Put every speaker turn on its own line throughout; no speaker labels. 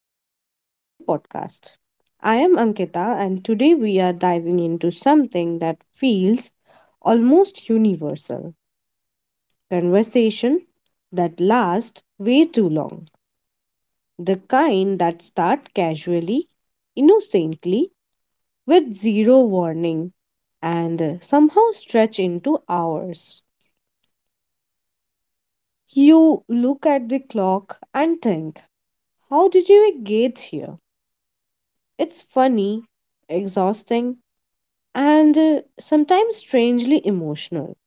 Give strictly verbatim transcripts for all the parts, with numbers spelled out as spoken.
Healthy Lifestyle Podcast. I am Ankita, and today we are diving into something that feels almost universal conversation that lasts way too long. The kind that start casually, innocently, with zero warning, and somehow stretch into hours. You look at the clock and think, how did you get here? It's funny, exhausting, and uh, sometimes strangely emotional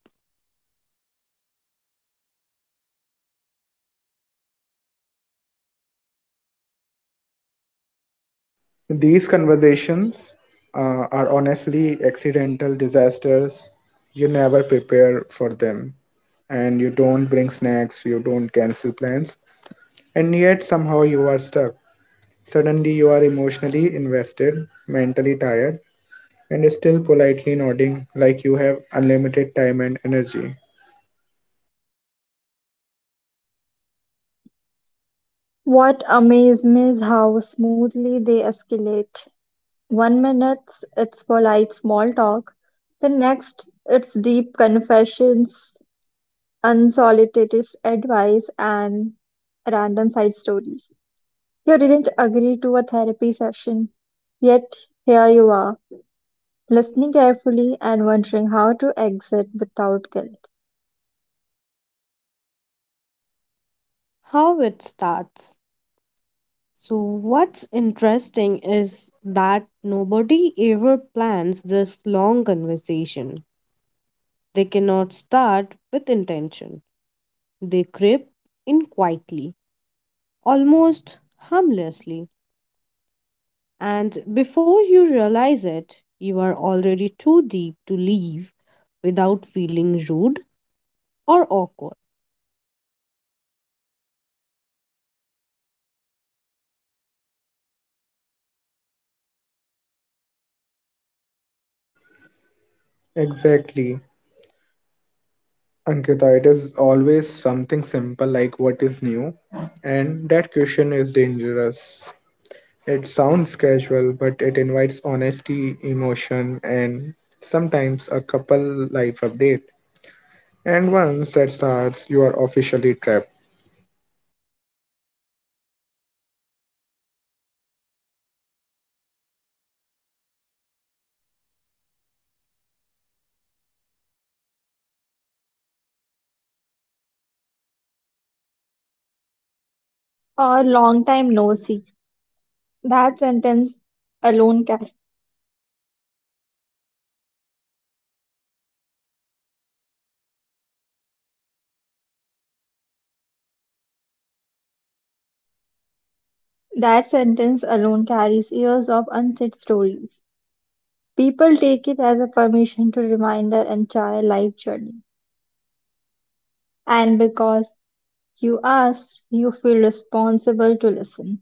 These conversations uh, are honestly accidental disasters. You never prepare for them, and you don't bring snacks, you don't cancel plans, and yet somehow you are stuck. Suddenly, you are emotionally invested, mentally tired, and still politely nodding like you have unlimited time and energy.
What amazed me is how smoothly they escalate. One minute it's polite small talk, the next it's deep confessions, unsolicited advice, and random side stories. You didn't agree to a therapy session, yet here you are, listening carefully and wondering how to exit without guilt.
how it starts. So, what's interesting is that nobody ever plans this long conversation. They cannot start with intention, they creep in quietly, almost harmlessly. And before you realize it, you are already too deep to leave without feeling rude or awkward.
Exactly. Ankita, it is always something simple like what is new, and that question is dangerous. It sounds casual, but it invites honesty, emotion, and sometimes a couple life update. And once that starts, you are officially trapped.
Or long time no see. That sentence alone That sentence alone carries years of unsaid stories. People take it as a permission to remind their entire life journey. And because you asked, you feel responsible to listen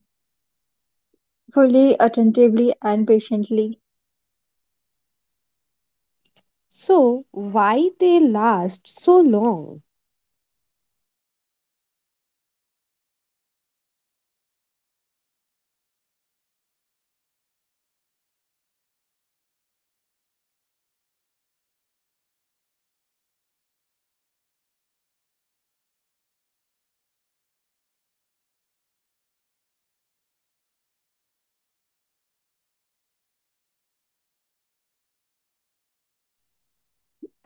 fully, attentively, and patiently.
So, why they last so long?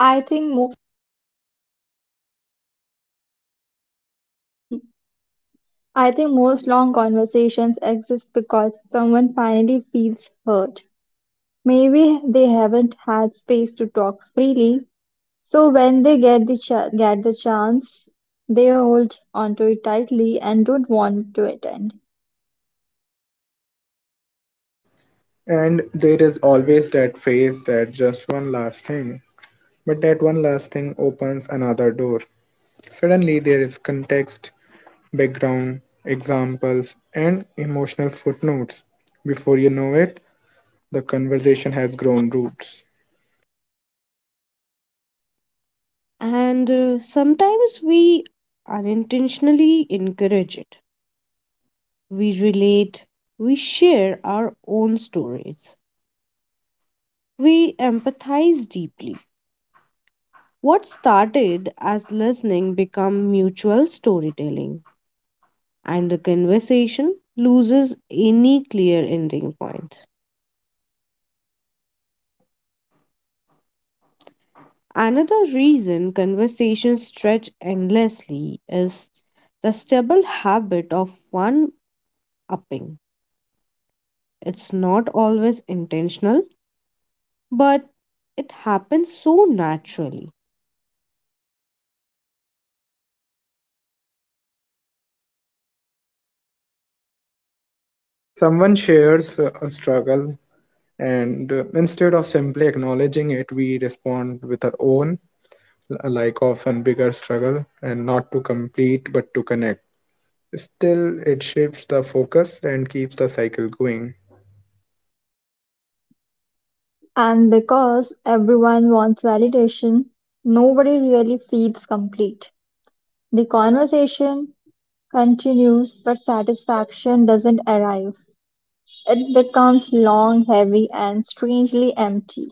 I think most I think most long conversations exist because someone finally feels hurt. Maybe they haven't had space to talk freely, so when they get the ch- get the chance, they hold onto it tightly and don't want to attend.
And there is always that phrase that just one last thing. But that one last thing opens another door. Suddenly, there is context, background, examples, and emotional footnotes. Before you know it, the conversation has grown roots.
And uh, sometimes we unintentionally encourage it. We relate, we share our own stories, we empathize deeply. What started as listening become mutual storytelling, and the conversation loses any clear ending point. Another reason conversations stretch endlessly is the stable habit of one upping. It's not always intentional, but it happens so naturally.
Someone shares a struggle, and uh, instead of simply acknowledging it, we respond with our own l- like often bigger struggle, and not to complete but to connect. Still, it shifts the focus and keeps the cycle going.
And because everyone wants validation, nobody really feels complete. The conversation continues, but satisfaction doesn't arrive. It becomes long, heavy, and strangely empty,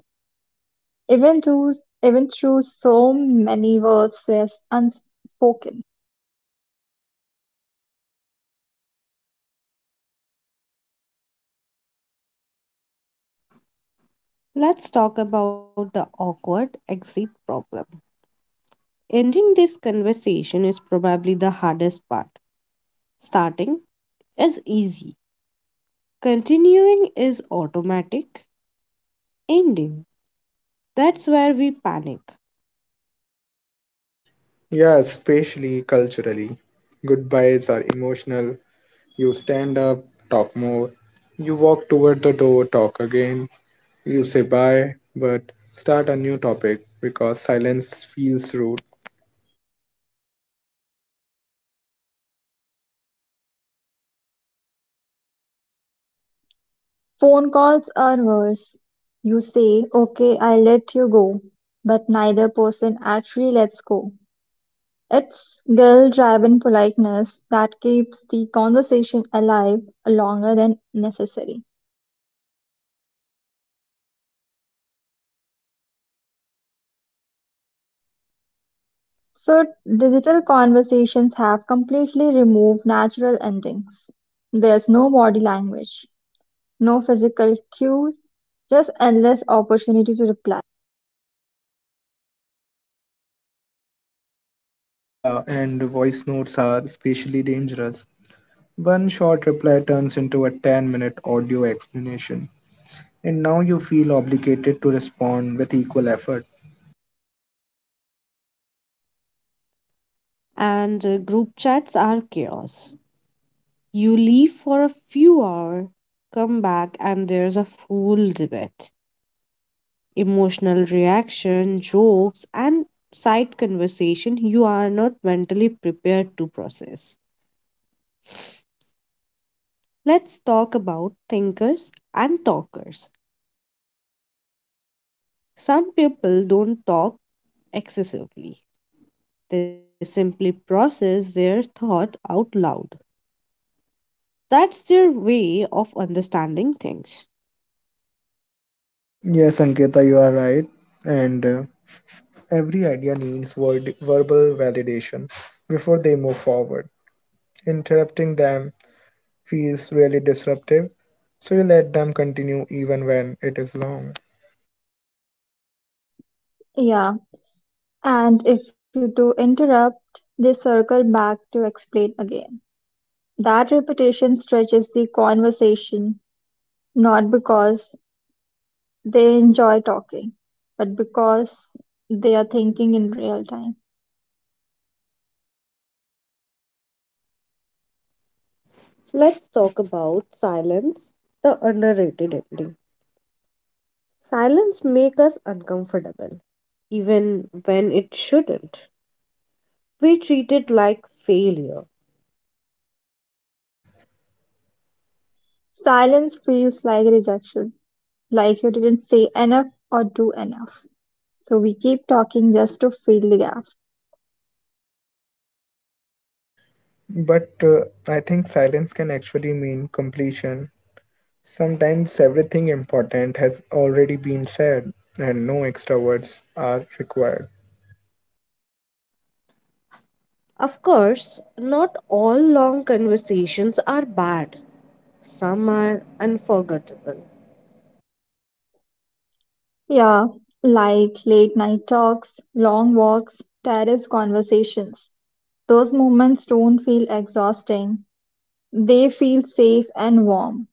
even though even through so many words were unspoken.
Let's talk about the awkward exit problem. Ending this conversation is probably the hardest part. Starting is easy, continuing is automatic, ending. That's where we panic.
Yeah, especially culturally, goodbyes are emotional. You stand up, talk more. You walk toward the door, talk again. You say bye, but start a new topic because silence feels rude.
Phone calls are worse. You say, "Okay, I let you go," but neither person actually lets go. It's guilt-driven politeness that keeps the conversation alive longer than necessary. So, digital conversations have completely removed natural endings. There's no body language, no physical cues, just endless opportunity to reply.
Yeah, and voice notes are especially dangerous. One short reply turns into a ten minute audio explanation, and now you feel obligated to respond with equal effort.
And uh, group chats are chaos. You leave for a few hours, come back, and there's a full debate. Emotional reaction, jokes, and side conversation you are not mentally prepared to process. Let's talk about thinkers and talkers. Some people don't talk excessively, they simply process their thought out loud. That's their way of understanding things.
Yes, Ankita, you are right. And uh, every idea needs word- verbal validation before they move forward. Interrupting them feels really disruptive, so you let them continue even when it is long.
Yeah, and if you do interrupt, they circle back to explain again. That repetition stretches the conversation, not because they enjoy talking, but because they are thinking in real time.
Let's talk about silence, the underrated ending. Silence makes us uncomfortable, even when it shouldn't. We treat it like failure.
Silence feels like rejection, like you didn't say enough or do enough. So we keep talking just to fill the gap.
But uh, I think silence can actually mean completion. Sometimes everything important has already been said, and no extra words are required.
Of course, not all long conversations are bad, some are unforgettable.
Yeah, like late night talks, long walks, terrace conversations. Those moments don't feel exhausting. They feel safe and warm.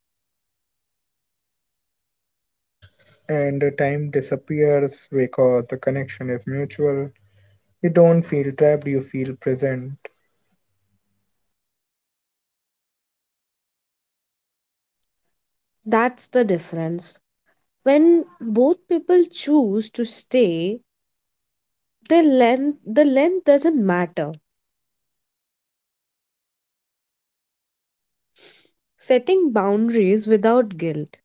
And the time disappears because the connection is mutual. You don't feel trapped, you feel present.
That's the difference. When both people choose to stay, the length, the length doesn't matter, setting boundaries without guilt.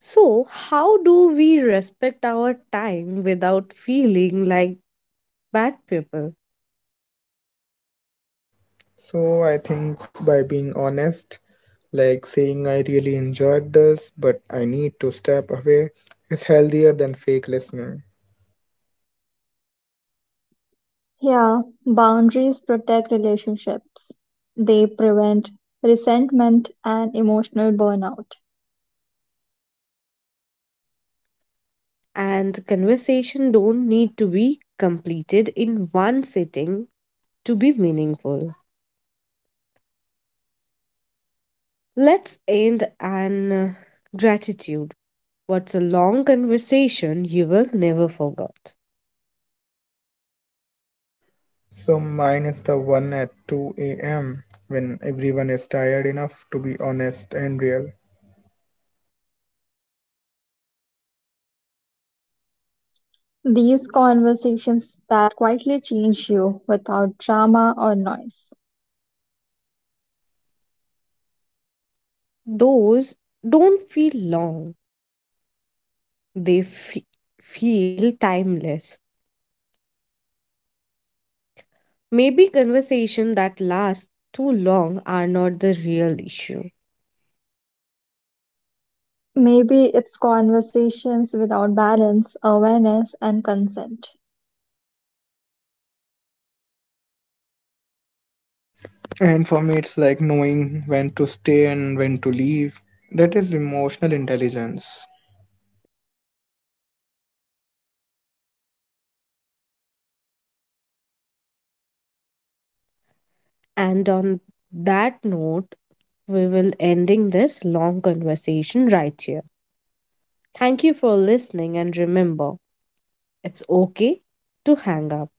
So, how do we respect our time without feeling like bad people?
So I think by being honest, like saying I really enjoyed this, but I need to step away, is healthier than fake listening.
Yeah, boundaries protect relationships. They prevent resentment and emotional burnout.
And conversation don't need to be completed in one sitting to be meaningful. Let's end on uh, gratitude. What's a long conversation you will never forget?
So mine is the one at two a m when everyone is tired enough to be honest and real.
These conversations that quietly change you without drama or noise.
Those don't feel long, they fe- feel timeless. Maybe conversation that last too long are not the real issue.
Maybe it's conversations without balance, awareness, and consent.
And for me, it's like knowing when to stay and when to leave. That is emotional intelligence.
And on that note, we will ending this long conversation right here. Thank you for listening and remember, it's okay to hang up.